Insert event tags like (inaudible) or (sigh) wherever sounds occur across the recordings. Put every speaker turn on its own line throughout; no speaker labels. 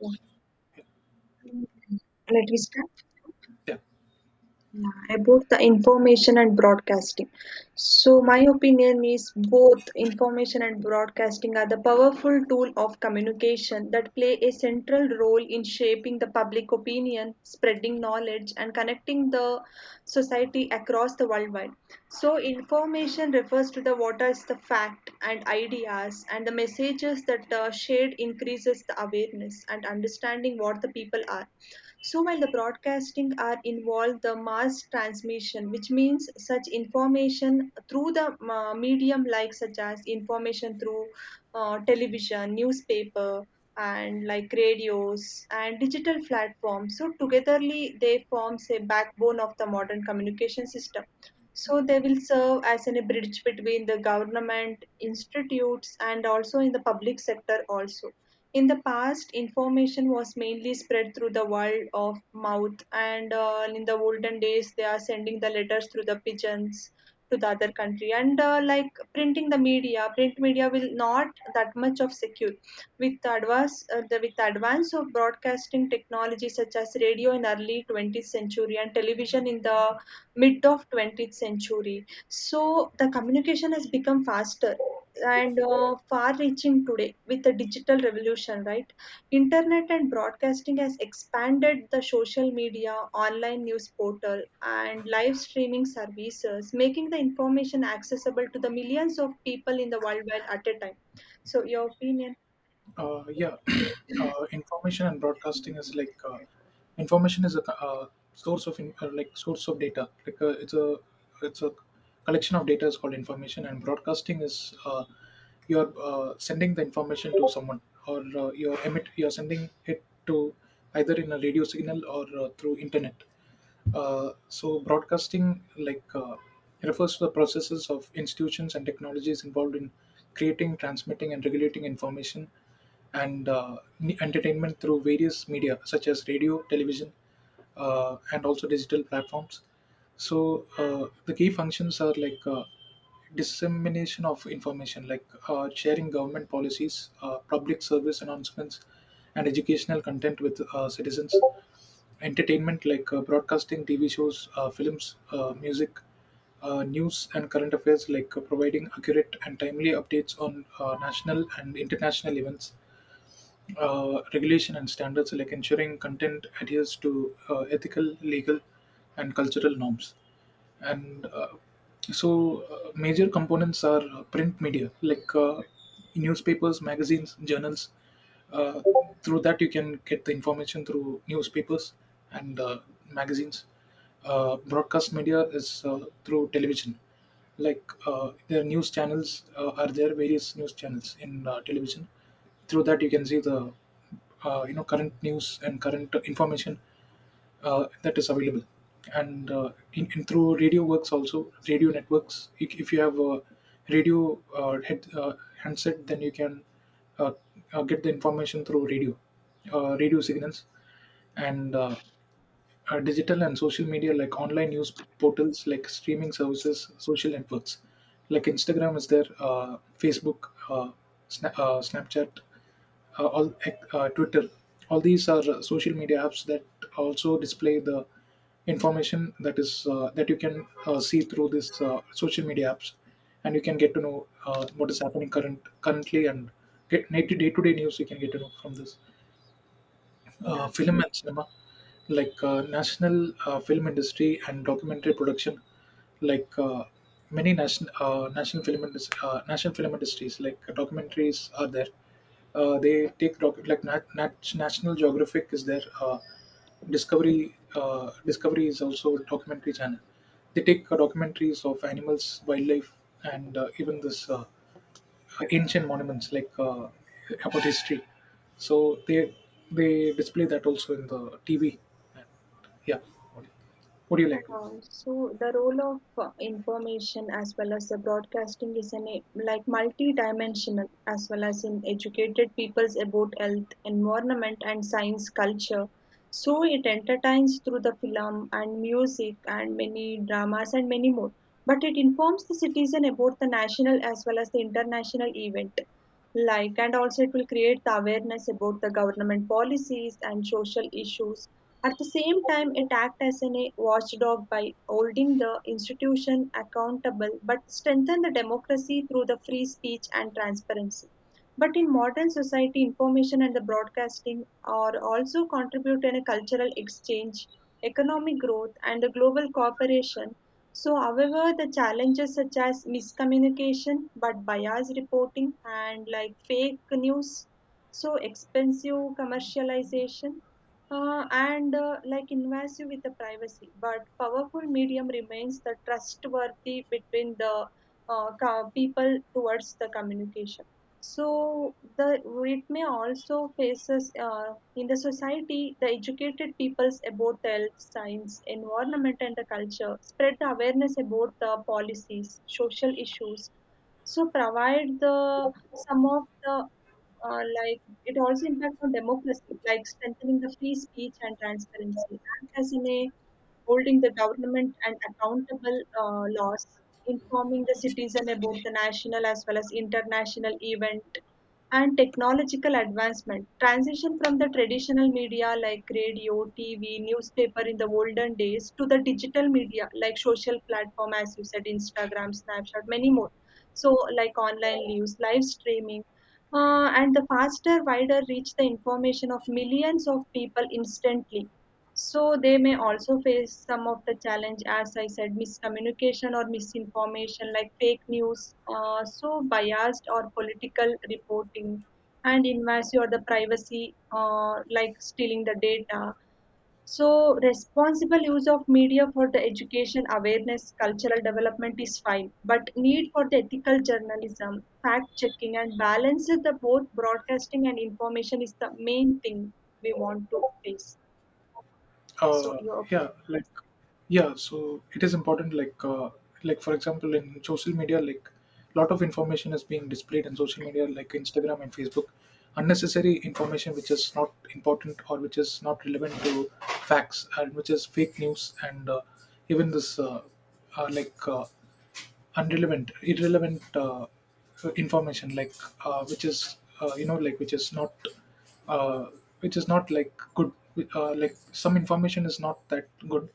Yeah. Let me start.
Yeah.
Yeah, about the information and broadcasting. So,
Okay.
my opinion is both information and broadcasting are the powerful tool of communication that play a central role in shaping the public opinion, spreading knowledge, and connecting the society across the worldwide. So, information refers to the what is the fact and ideas and the messages that are shared increases the awareness and understanding what the people are so while the broadcasting are involved the mass transmission, which means such information through the medium like such as information through television, newspaper, and like radios and digital platforms. So togetherly they forms a backbone of the modern communication system. So they will serve as an, a bridge between the government institutes and also in the public sector also. In the past, information was mainly spread through the word of mouth, and in the olden days, they are sending the letters through the pigeons to the other country. And like printing the media, print media will not that much of secure. With the with the advance of broadcasting technology such as radio in early 20th century and television in the mid of 20th century so the communication has become faster and far reaching today with the digital revolution, right, internet and broadcasting has expanded the social media online news portal and live streaming services making the information accessible to the millions of people in the world while at a time so your opinion.
Yeah. (clears throat) Information and broadcasting is like information is a source of, like source of data. It's a it's a collection of data is called information, and broadcasting is you're sending the information to someone, or you're sending it to either in a radio signal or through internet. So broadcasting refers to the processes of institutions and technologies involved in creating, transmitting, and regulating information and entertainment through various media such as radio, television, and also digital platforms. So the key functions are like dissemination of information like sharing government policies, public service announcements, and educational content with citizens. Entertainment like broadcasting, TV shows, films, music, news, and current affairs like providing accurate and timely updates on national and international events. Regulation and standards like ensuring content adheres to ethical, legal, and cultural norms and major components are print media like newspapers, magazines, journals. uh, Through that you can get the information through newspapers and magazines. Broadcast media is through television, like the news channels. Are there various news channels in television. Through that you can see the current news and current information that is available. In through radio works also, radio networks, if you have a radio handset, then you can uh, get the information through radio, radio signals. And Digital and social media like online news portals, like streaming services, social networks like Instagram is there, Facebook, Snapchat, all Twitter. All these are social media apps that also display the information that is that you can see through this social media apps, and you can get to know what is happening currently, and get day to day news you can get to know from this.
Yeah.
Film and cinema, like national film industry and documentary production, like uh, many national national film national film industries, like documentaries are there. They take doc- like nat- nat- National Geographic is there. Discovery is also a documentary channel. They take documentaries of animals, wildlife, and even this. Ancient monuments like about history. So they display that also in the TV. And, yeah, what, what do you
And
like?
also, the role of information as well as the broadcasting is e- like multi-dimensional as well as in educated peoples about health, environment, and science culture. So it entertains through the film and music and many dramas and many more. But it informs the citizen about the national as well as the international event. Like and also it will create the awareness about the government policies and social issues at the same time, it acts as a watchdog by holding the institution accountable but strengthen the democracy through the free speech and transparency. But in modern society, information and the broadcasting are also contribute in a cultural exchange, economic growth, and the global cooperation. So, however, the challenges such as miscommunication, but biased reporting, and like fake news, so expensive commercialization and like invasive with the privacy. But powerful medium remains the trustworthy between the people towards the communication. So the it may also faces in the society the educated peoples about the health, science, environment, and the culture spread the awareness about the policies, social issues. So provide the some of the uh, like it also impacts on democracy, like strengthening the free speech and transparency, and as in a holding the government and accountable laws, informing the citizen about the national as well as international event and technological advancement. Transition from the traditional media like radio, TV, newspaper in the olden days to the digital media like social platform as you said, Instagram, Snapchat, many more. So like online news, live streaming, and the faster, wider reach the information of millions of people instantly. So they may also face some of the challenge, as I said, miscommunication or misinformation like fake news, so biased or political reporting, and invasion or the privacy, like stealing the data. So responsible use of media for the education, awareness, cultural development is fine, but need for the ethical journalism, fact checking, and balance the both broadcasting and information is the main thing we want to face. So
Uh,
your.
yeah, like yeah. So it is important. Like for example, in social media, like lot of information is being displayed in social media, like Instagram and Facebook. Unnecessary information which is not important or which is not relevant to facts, and which is fake news, and even this like irrelevant information like which is like uh, which is not like good, like some information is not that good,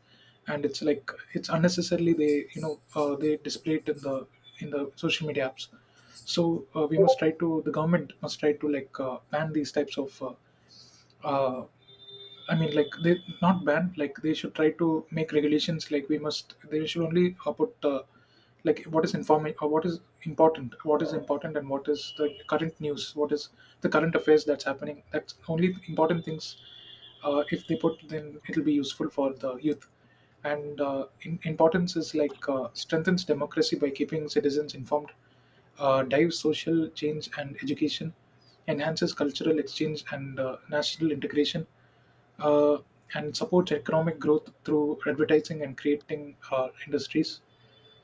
and it's like it's unnecessarily they they display it in the social media apps. So we must try to, the government must try to, like ban these types of uh, I mean, like, they not ban. Like they should try to make regulations. Like we must. They should only put like what is informing or what is important. What is important and what is the current news. What is the current affairs that's happening. That's only important things. If they put, then it'll be useful for the youth. Importance is like, strengthens democracy by keeping citizens informed, drives social change and education, enhances cultural exchange and national integration, uh, and supports economic growth through advertising and creating industries.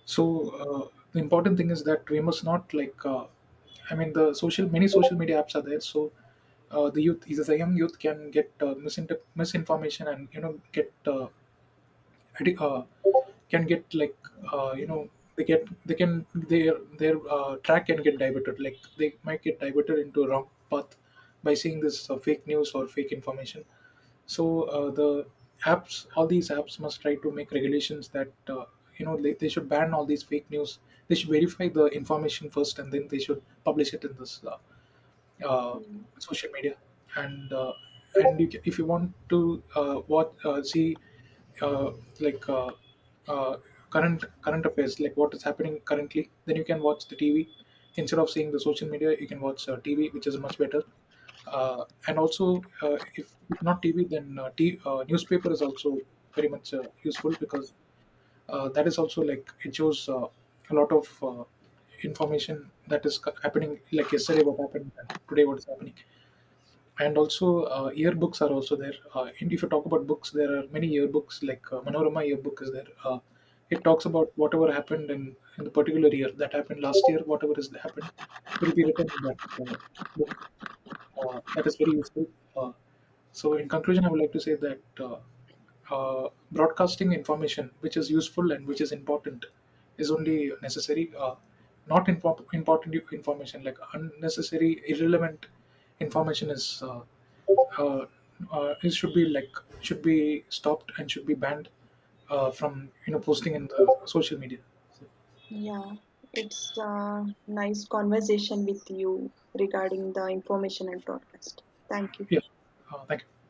So the important thing is that we must not like, I mean, the social, many social media apps are there, so the youth, is the young youth, can get misinformation, and you know get addi- uh, can get like uh, you know they get, they can, their track can get diverted, like they might get diverted into a wrong path by seeing this fake news or fake information. So the apps, all these apps must try to make regulations that they should ban all these fake news. They should verify the information first and then they should publish it in this uh,
Mm.
social media. And and you can, if you want to what see uh, like uh, uh, current affairs, like what is happening currently, then you can watch the TV instead of seeing the social media. You can watch TV, which is much better. And also if not TV, then newspaper is also very much useful, because that is also like it shows a lot of information that is happening, like yesterday what happened and today what is happening. And also yearbooks are also there. And if you talk about books, there are many yearbooks, like Manorama yearbook is there. It talks about whatever happened in the particular year, that happened last year, whatever has happened will be written in that book. That is very useful. Uh, so, in conclusion, I would like to say that broadcasting information which is useful and which is important is only necessary. Not important information, like unnecessary, irrelevant information is uh, it should be should be stopped and should be banned from you know posting in the social media.
Yeah, it's a nice conversation with you regarding the information and broadcasting. Thank you.
Yeah, thank you.